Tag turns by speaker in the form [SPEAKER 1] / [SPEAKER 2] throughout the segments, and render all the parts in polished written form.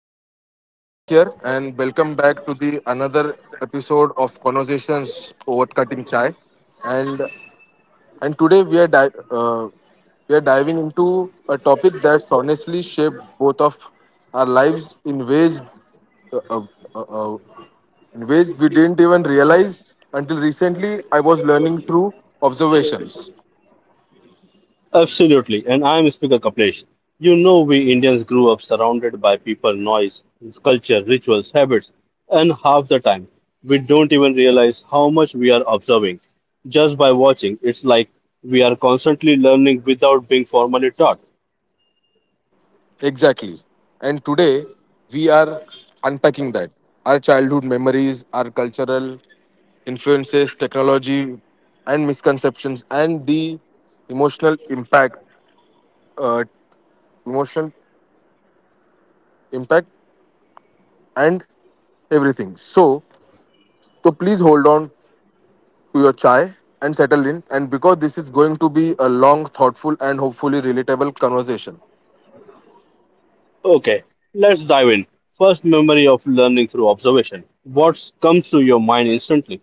[SPEAKER 1] So this is Abhishek here, and welcome back to the another episode of Conversations Over Cutting Chai. And and today uh, we are diving into a topic that's honestly shaped both of our lives uh, uh, uh, in ways we didn't even realize until recently. I was learning through observations.
[SPEAKER 2] Absolutely, and I am Speaker Kaplesh. You know, we Indians grew up surrounded by people, noise, culture, rituals, habits, and half the time we don't even realize how much we are observing. Just by watching, it's like we are constantly learning without being formally taught.
[SPEAKER 1] Exactly. And today, we are unpacking that. Our childhood memories, our cultural influences, technology, and misconceptions, and the emotional impact, uh, emotional impact, and everything. So please hold on to your chai and settle in. And because this is going to be a long, thoughtful, and hopefully relatable conversation.
[SPEAKER 2] Okay, let's dive in. First memory of learning through observation. What comes to your mind instantly?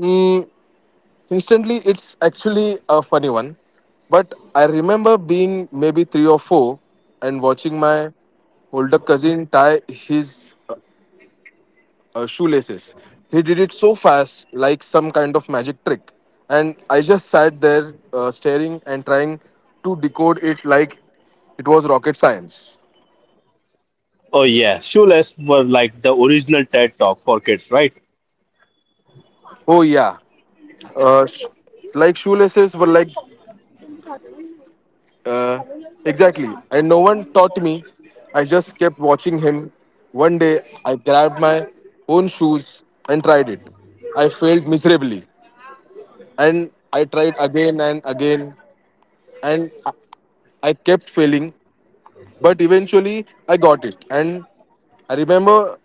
[SPEAKER 1] Mm, Instantly, it's actually a funny one. But I remember being maybe three or four and watching my older cousin tie his shoelaces. He did it so fast, like some kind of magic trick. And I just sat there staring and trying to decode it like it was rocket science.
[SPEAKER 2] Oh, yeah, shoeless were like the original TED talk for kids, right?
[SPEAKER 1] Oh, yeah. Uh, sh- like shoelaces were like Uh, exactly. And no one taught me. I just kept watching him. One day, I grabbed my own shoes and tried it. I failed miserably. And I tried again and again. And I kept failing. But eventually, I got it. And I remember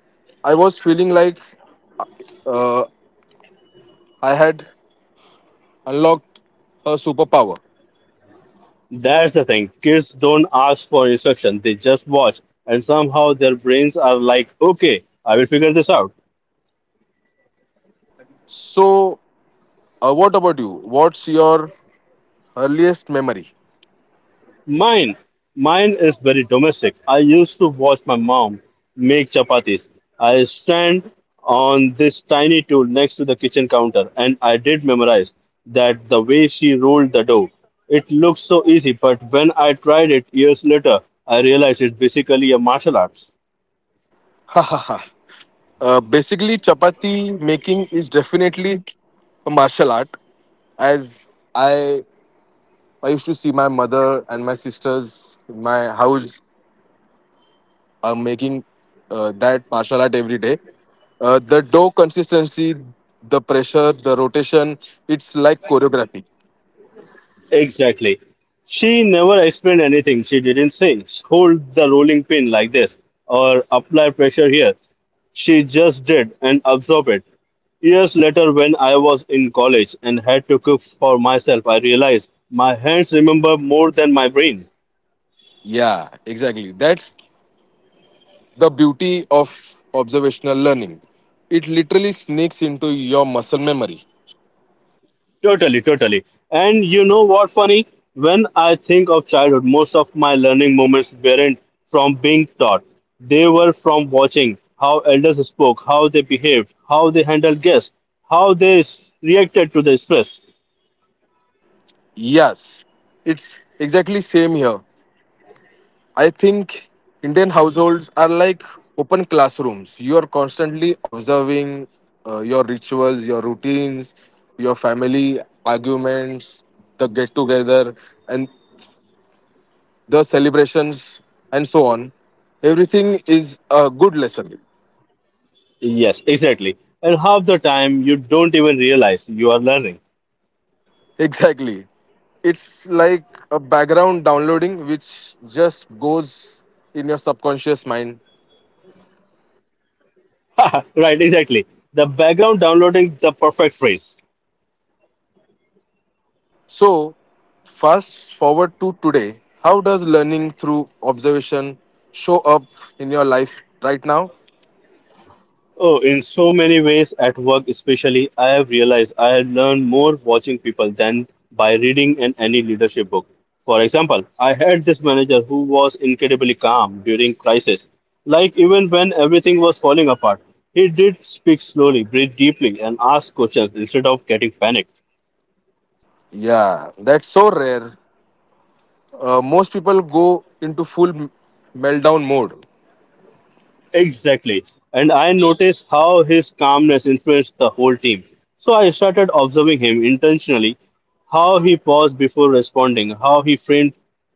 [SPEAKER 1] I was feeling like uh, I had unlocked a superpower.
[SPEAKER 2] That's the thing. Kids don't ask for instruction, they just watch. And somehow their brains are like, okay, I will figure this out.
[SPEAKER 1] So, what about you? What's your earliest memory?
[SPEAKER 2] Mine, mine is very domestic. I used to watch my mom make chapatis. I stand on this tiny tool next to the kitchen counter and I did memorize that the way she rolled the dough. It looked so easy, but when I tried it years later, I realized it's basically a martial arts.
[SPEAKER 1] Basically, chapati making is definitely a martial art. As I, I used to see my mother and my sisters in my house are making that martial art every day. The dough consistency, the pressure, the rotation, it's like choreography.
[SPEAKER 2] Exactly. She never explained anything. She didn't say, hold the rolling pin like this or apply pressure here. She just did and absorbed it. Years later, when I was in college and had to cook for myself, I realized my hands remember more than my brain.
[SPEAKER 1] Yeah, exactly. That's the beauty of observational learning. It literally sneaks into your muscle memory.
[SPEAKER 2] Totally, totally. And you know what funny? When I think of childhood, most of my learning moments weren't from being taught. They were from watching how elders spoke, how they behaved, how they handled guests, how they reacted to the stress.
[SPEAKER 1] Yes, it's exactly same here. I think Indian households are like open classrooms. You are constantly observing your rituals, your routines, your family arguments, the get together, and the celebrations, and so on. Everything is a good lesson.
[SPEAKER 2] Yes, exactly. And half the time you don't even realize you are learning.
[SPEAKER 1] Exactly. It's like a background downloading which just goes in your subconscious mind.
[SPEAKER 2] Right, exactly. The background downloading the perfect phrase.
[SPEAKER 1] So, fast forward to today. How does learning through observation show up in your life right now?
[SPEAKER 2] Oh, in so many ways, at work especially, I have realized I had learned more watching people than by reading in any leadership book. For example, I had this manager who was incredibly calm during crisis. Like even when everything was falling apart, he did speak slowly, breathe deeply, and ask questions instead of getting panicked.
[SPEAKER 1] Yeah, that's so rare. Most people go into meltdown mode.
[SPEAKER 2] Exactly. And I noticed how his calmness influenced the whole team. So I started observing him intentionally, how he paused before responding, how he framed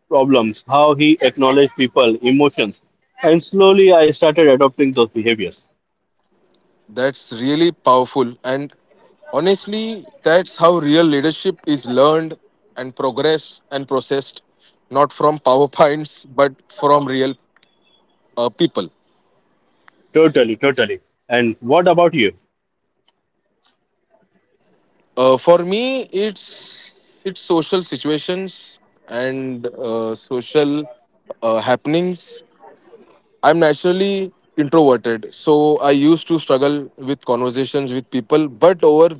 [SPEAKER 2] problems, how he acknowledged people, emotions. And slowly I started adopting those behaviors.
[SPEAKER 1] That's really powerful. And honestly, that's how real leadership is learned and progressed and processed, not from PowerPoints, but from real people.
[SPEAKER 2] Totally, totally. And what about you?
[SPEAKER 1] For me, it's social situations and social happenings. I'm naturally introverted, so I used to struggle with conversations with people. But over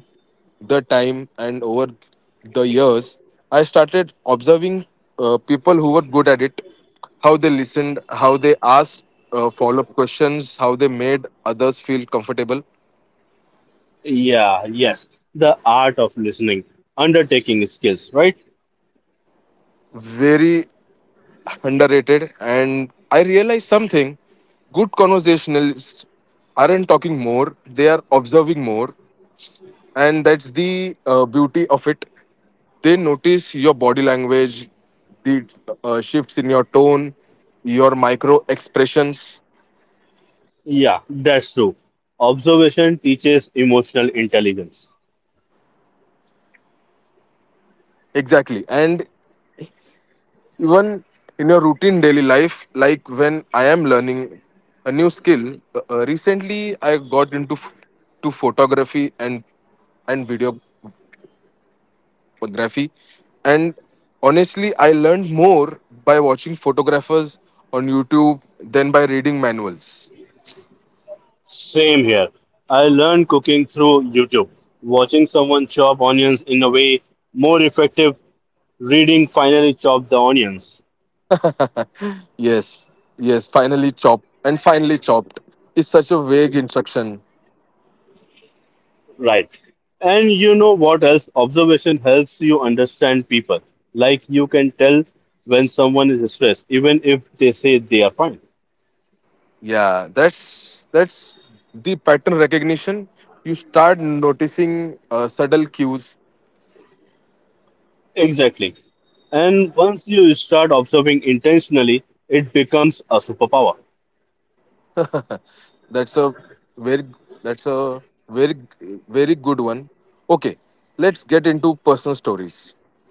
[SPEAKER 1] the time and over the years, I started observing people who were good at it, how they listened, how they asked follow up questions, how they made others feel comfortable.
[SPEAKER 2] Yeah, yes. The art of listening, undertaking skills, right?
[SPEAKER 1] Very underrated, and I realized something. Good conversationalists aren't talking more, they are observing more. And that's the beauty of it. They notice your body language, the shifts in your tone, your micro expressions.
[SPEAKER 2] Yeah, that's true. Observation teaches emotional intelligence.
[SPEAKER 1] Exactly. And even in your routine daily life, like when I am learning a new skill, recently I got into f- to photography and video photography. And honestly, I learned more by watching photographers on YouTube than by reading manuals.
[SPEAKER 2] Same here. I learned cooking through YouTube, watching someone chop onions in a way more effective, reading finally chop the onions.
[SPEAKER 1] Yes, yes, finally chopped. And finally chopped is such a vague instruction.
[SPEAKER 2] Right. And you know what else? Observation helps you understand people. Like you can tell when someone is stressed, even if they say they are fine.
[SPEAKER 1] Yeah, that's the pattern recognition. You start noticing subtle cues.
[SPEAKER 2] Exactly. And once you start observing intentionally, it becomes a superpower.
[SPEAKER 1] that's a very that's a very very good one. Okay, let's get into personal stories.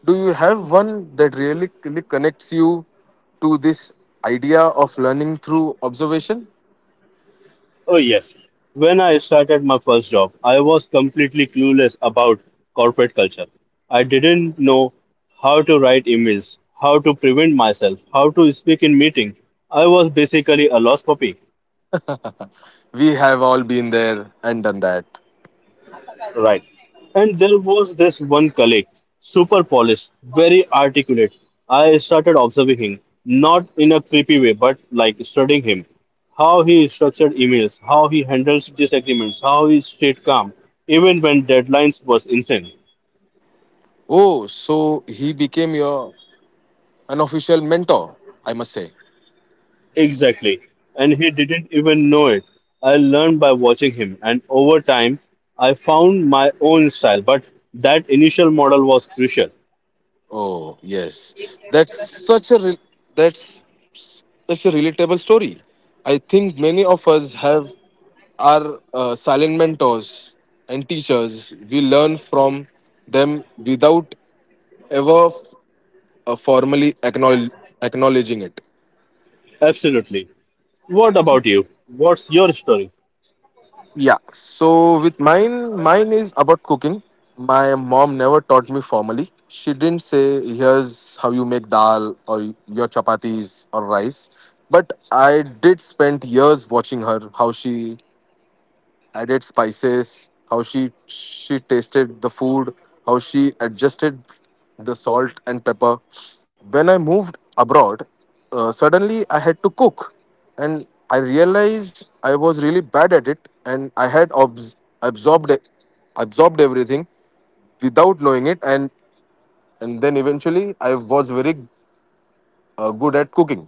[SPEAKER 1] Do you have one that really, really connects you to this idea of learning through observation?
[SPEAKER 2] Oh, yes. When I started my first job, I was completely clueless about corporate culture. I didn't know how to write emails, how to prevent myself, how to speak in meeting. I was basically a lost puppy.
[SPEAKER 1] We have all been there and done that.
[SPEAKER 2] Right. And there was this one colleague, super polished, very articulate. I started observing him, not in a creepy way, but like studying him. How he structured emails, how he handles disagreements, how he stayed calm, even when deadlines was insane.
[SPEAKER 1] Oh, so he became your unofficial mentor, I must say.
[SPEAKER 2] Exactly. And he didn't even know it. I learned by watching him, and over time, I found my own style, but that initial model was crucial.
[SPEAKER 1] Oh, yes. That's such a relatable story. I think many of us have our silent mentors and teachers. We learn from them without ever f- uh, formally acknowledge- acknowledging it.
[SPEAKER 2] Absolutely. What about you? What's your story?
[SPEAKER 1] Yeah. So with mine, mine is about cooking. My mom never taught me formally. She didn't say, "Here's how you make dal or your chapatis or rice." But I did spend years watching her how she added spices, how she tasted the food, how she adjusted the salt and pepper. When I moved abroad, suddenly I had to cook, and I realized I was really bad at it, and I had absorbed it- absorbed everything without knowing it, and then eventually I was very good at cooking.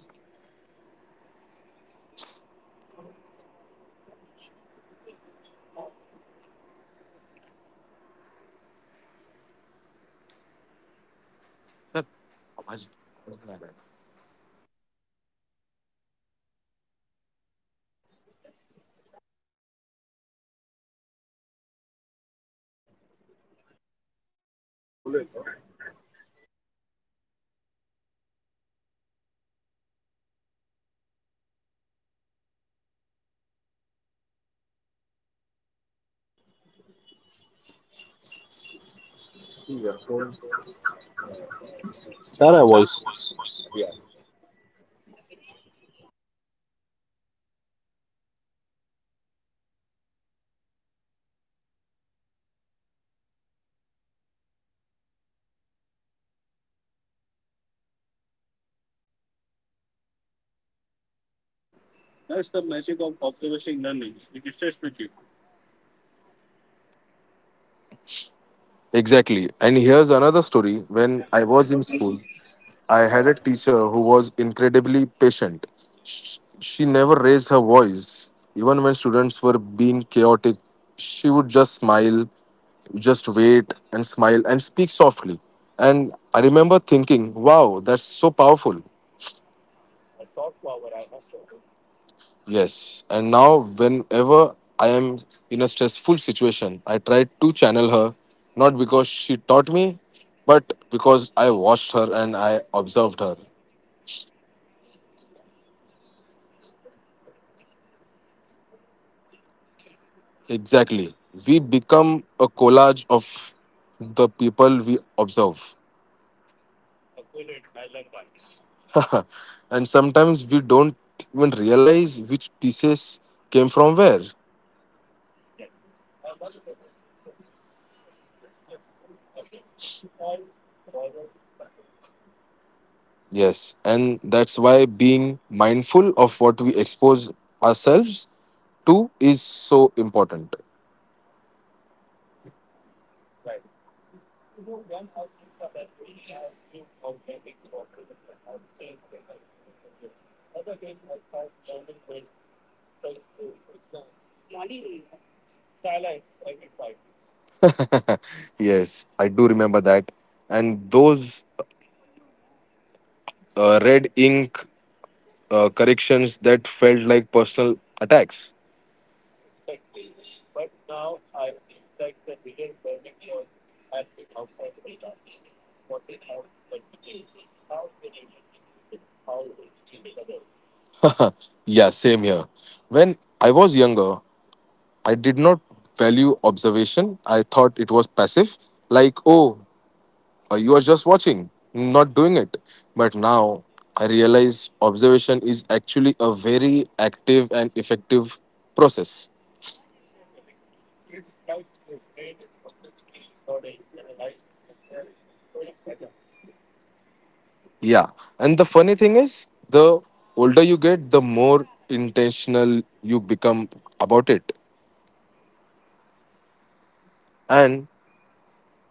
[SPEAKER 2] That I was.
[SPEAKER 1] Exactly, and here's another story. When I was in school, I had a teacher who was incredibly patient. She never raised her voice. Even when students were being chaotic, she would just smile, just wait and smile and speak softly. And I remember thinking, wow, that's so powerful. Yes. And now, whenever I am in a stressful situation, I try to channel her, not because she taught me, but because I watched her and I observed her. Exactly. We become a collage of the people we observe. And sometimes we don't even realize which pieces came from where. Yes, and that's why being mindful of what we expose ourselves to is so important. Yes, I do remember that. And those red ink corrections that felt like personal attacks. Yeah, same here. When I was younger, I did not value observation. I thought it was passive, like, oh, you are just watching, not doing it. But now I realize observation is actually a very active and effective process. Yeah. And the funny thing is, the older you get, the more intentional you become about it. And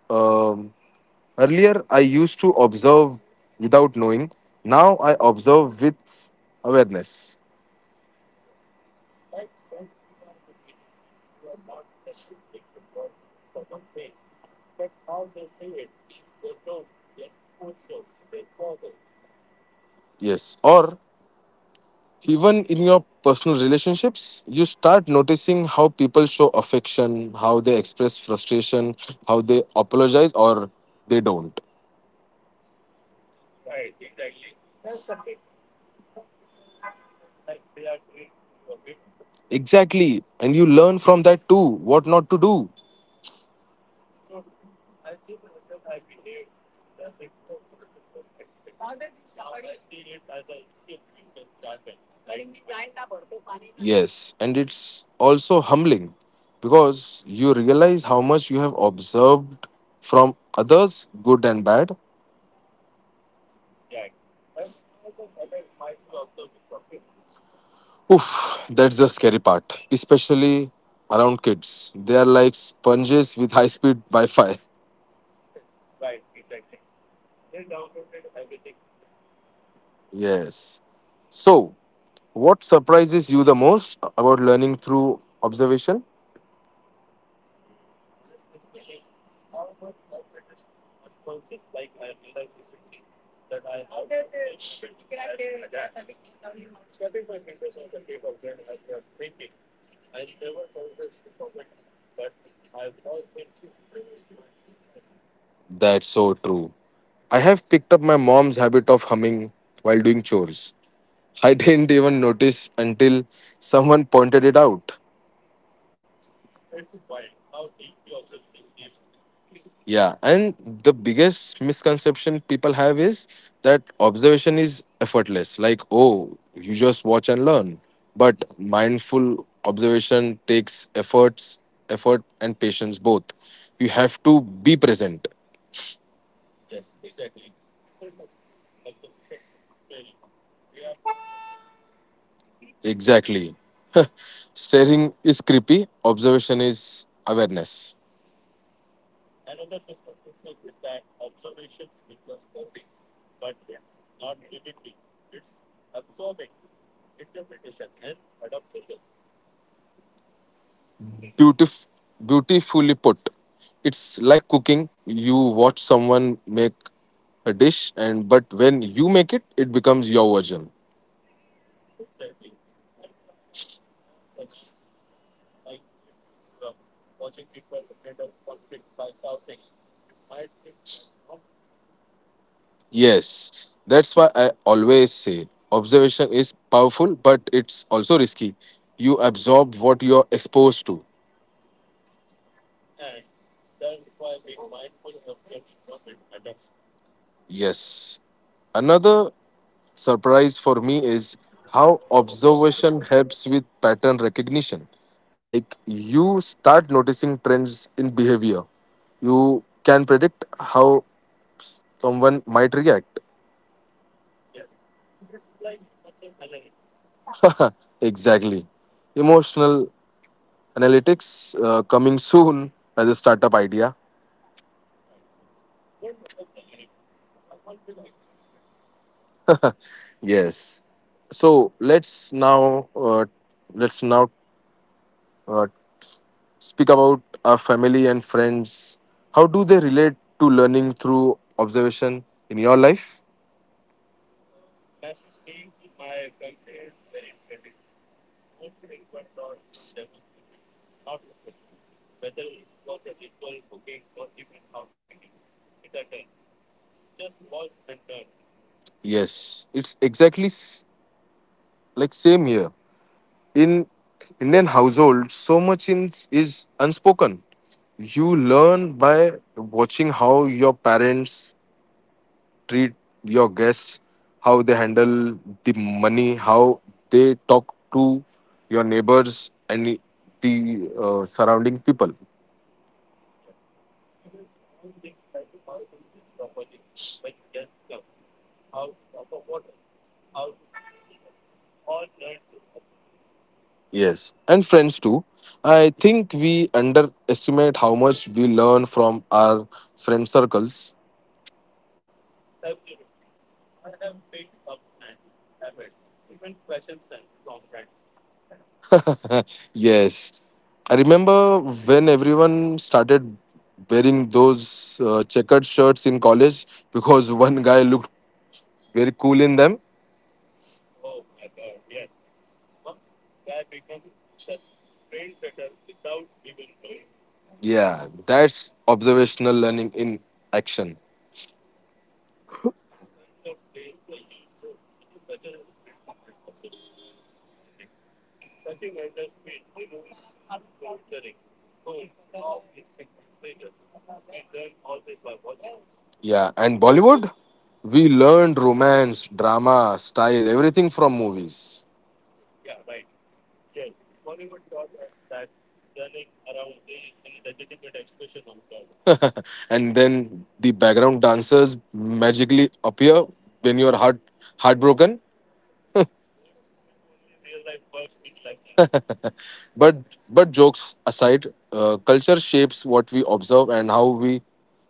[SPEAKER 1] um, Earlier, I used to observe without knowing. Now, I observe with awareness. Yes. Or even in your personal relationships, you start noticing how people show affection, how they express frustration, how they apologize or they don't. Exactly. And you learn from that too what not to do. Yes. And it's also humbling because you realize how much you have observed from others, good and bad. Oof, that's the scary part, especially around kids. They are like sponges with high speed Wi Fi. Yes. So, what surprises you the most about learning through observation? That's so true. I have picked up my mom's habit of humming while doing chores. I didn't even notice until someone pointed it out. Yeah, and the biggest misconception people have is that observation is effortless. Like, oh, you just watch and learn. But mindful observation takes efforts, effort and patience both. You have to be present. Exactly. Staring is creepy, observation is awareness. Beautif- Beautifully put. It's like cooking. You watch someone make a dish, and but when you make it, it becomes your version. Yes, that's why I always say observation is powerful, but it's also risky. You absorb what you're exposed to. Yes. Another surprise for me is how observation helps with pattern recognition. Like you start noticing trends in behavior, you can predict how someone might react. Exactly. Emotional analytics, coming soon as a startup idea. Yes. So let's now uh, speak about our family and friends. How do they relate to learning through observation in your life? Yes, like same here. In Indian households, so much in, is unspoken. You learn by watching how your parents treat your guests, how they handle the money, how they talk to your neighbors and the surrounding people. Yes, and friends too. I think we underestimate how much we learn from our friend circles. Yes, I remember when everyone started wearing those checkered shirts in college because one guy looked very cool in them. Yeah, that's observational learning in action. Yeah, and Bollywood, we learned romance, drama, style, everything from movies. And then the background dancers magically appear when you're heartbroken. but but jokes aside, culture shapes what we observe and how we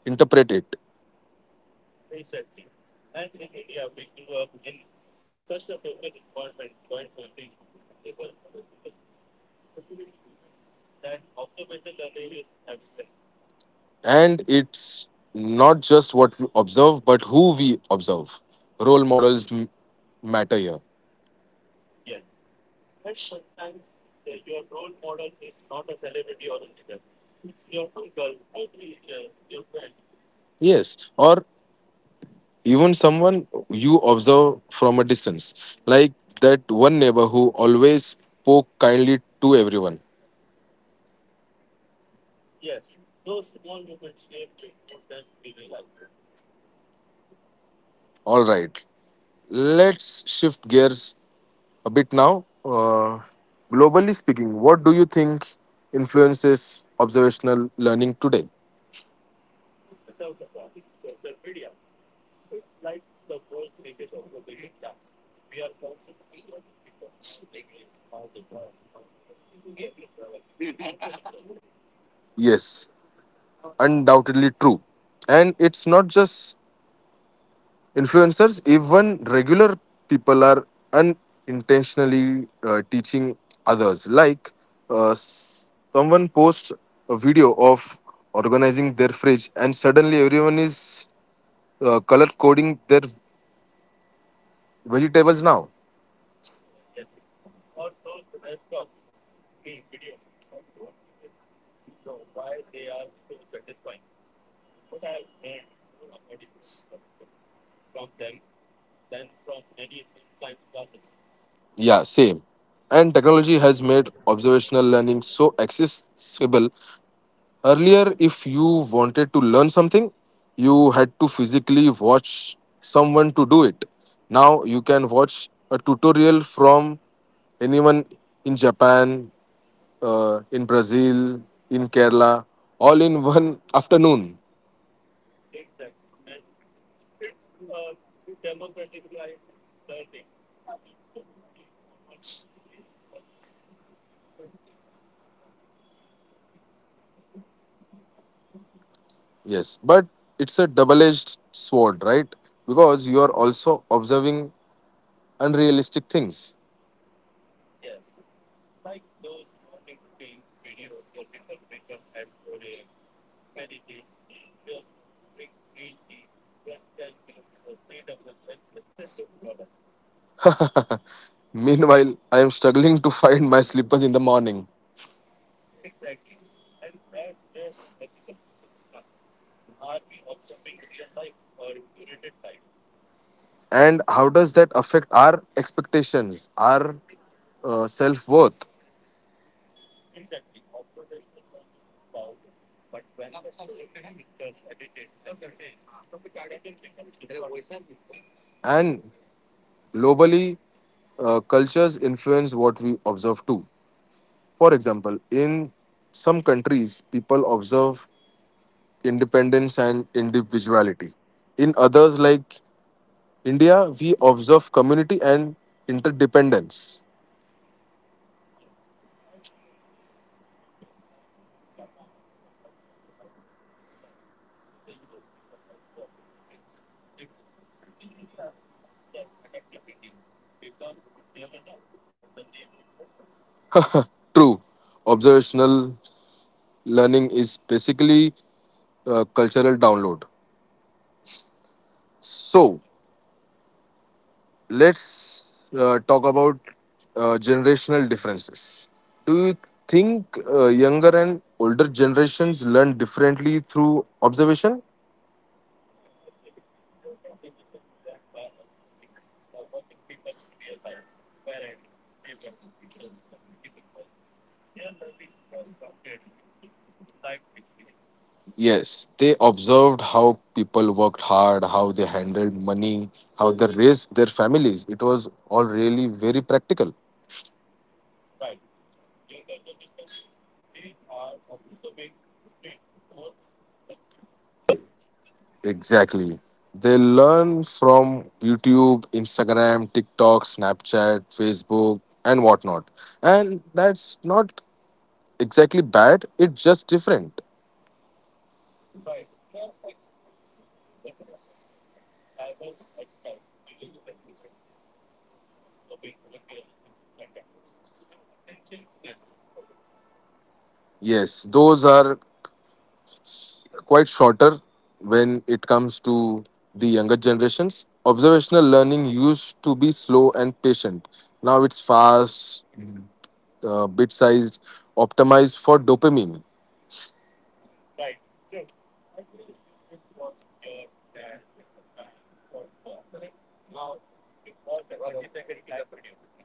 [SPEAKER 1] interpret it. And it's not just what we observe but who we observe. Role models matter here. Yes, or even someone you observe from a distance, like that one neighbor who always spoke kindly to everyone. All right, let's shift gears a bit now. Globally speaking, what do you think influences observational learning today? Yes, undoubtedly true. And it's not just influencers, even regular people are unintentionally teaching others. Like someone posts a video of organizing their fridge, and suddenly everyone is color coding their vegetables now. Yeah, same. And technology has made observational learning so accessible. Earlier, if you wanted to learn something, you had to physically watch someone to do it. Now you can watch a tutorial from anyone in Japan, in Brazil, in Kerala, all in one afternoon. Yes, but it's a double edged sword, right? Because you are also observing unrealistic things. Meanwhile, I am struggling to find my slippers in the morning. And how does that affect our expectations, our self worth? And globally, cultures influence what we observe too. For example, in some countries, people observe independence and individuality. In others, like India, we observe community and interdependence. True, observational learning is basically cultural download. So let's talk about generational differences. Do you think younger and older generations learn differently through observation? Yes, they observed how people worked hard, how they handled money, how they raised their families. It was all really very practical. Exactly. They learn from YouTube, Instagram, TikTok, Snapchat, Facebook, and whatnot. And that's not exactly bad, it's just different. Yes, those are quite shorter when it comes to the younger generations. Observational learning used to be slow and patient. Now it's fast, bit sized, optimized for dopamine.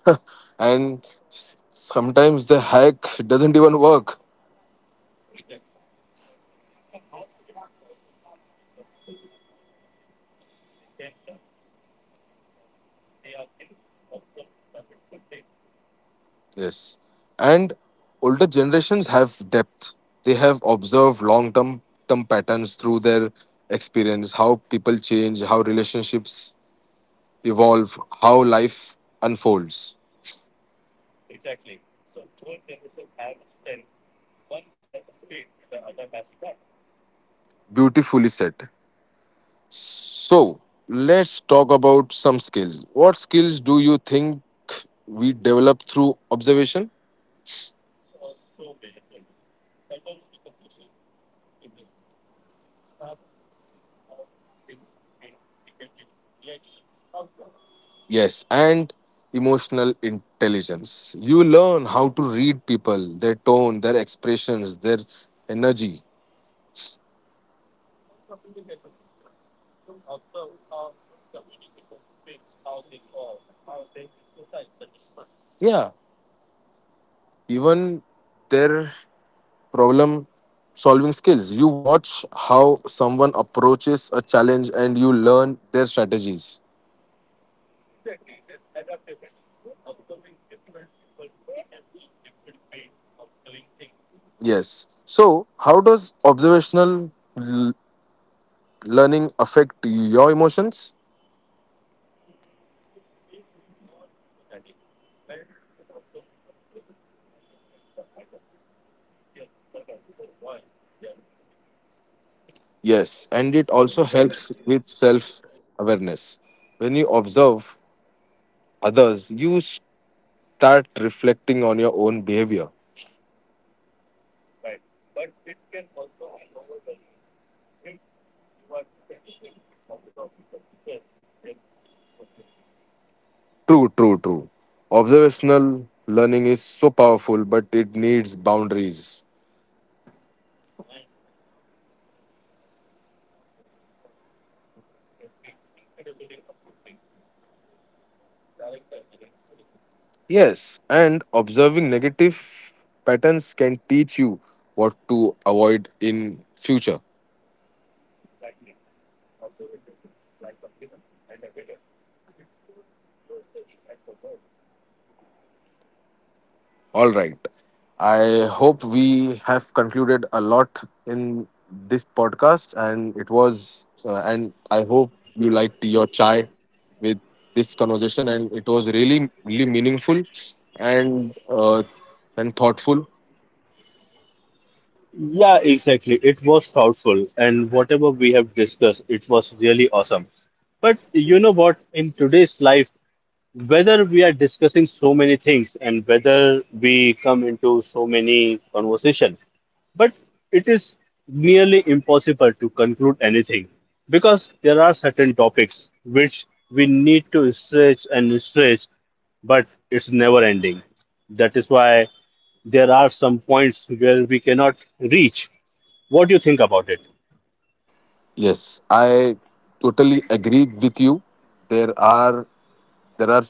[SPEAKER 1] And sometimes the hack doesn't even work. Yes. And older generations have depth. They have observed long term patterns through their experience, how people change, how relationships evolve, how life unfolds. Beautifully said. So let's talk about some skills. What skills do you think we develop through observation? Yes, and emotional intelligence. You learn how to read people, their tone, their expressions, their energy. Yeah, even their problem solving skills. You watch how someone approaches a challenge and you learn their strategies. Yes. So, how does l- learning affect your emotions? Yes, and it also helps with self awareness. When you observe others, you start reflecting on your own behavior. True, true, true. Observational learning is so powerful, but it needs boundaries. Yes, and observing negative patterns can teach you what to avoid in future. All right. I hope we have concluded a lot in this podcast, and it was, and I hope you liked your chai with this conversation, and it was really, really meaningful and uh, and thoughtful.
[SPEAKER 2] Yeah, exactly. It was thoughtful, and whatever we have discussed, it was really awesome. But you know what? In today's life, whether we are discussing so many things and whether we come into so many conversation, but it is nearly impossible to conclude anything because there are certain topics which we need to stretch and stretch, but it's never ending. That is why there are some points where we cannot reach. What do you think about it?
[SPEAKER 1] Yes, I totally agree with you. There are there are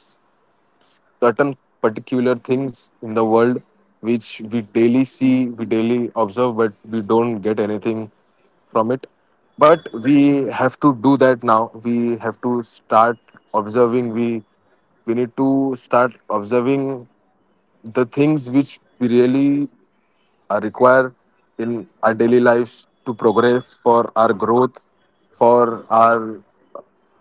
[SPEAKER 1] certain particular things in the world which we daily see, we daily observe, but we don't get anything from it. But we have to do that now. We have to start observing. We need to start observing the things which we really require in our daily lives to progress for our growth, for our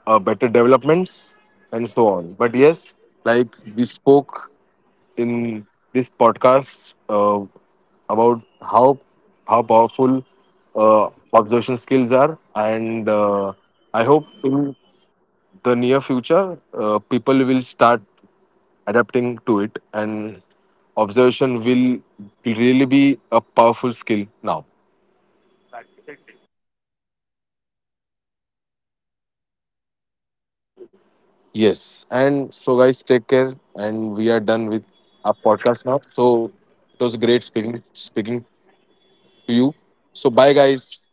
[SPEAKER 1] better developments, and so on. But yes, like we spoke in this podcast about how powerful uh, observation skills are, and I hope in the near future people will start adapting to it, and observation will really be a powerful skill now. Yes, and so guys, take care, and we are done with our podcast now. So it was great speaking to you. So bye, guys.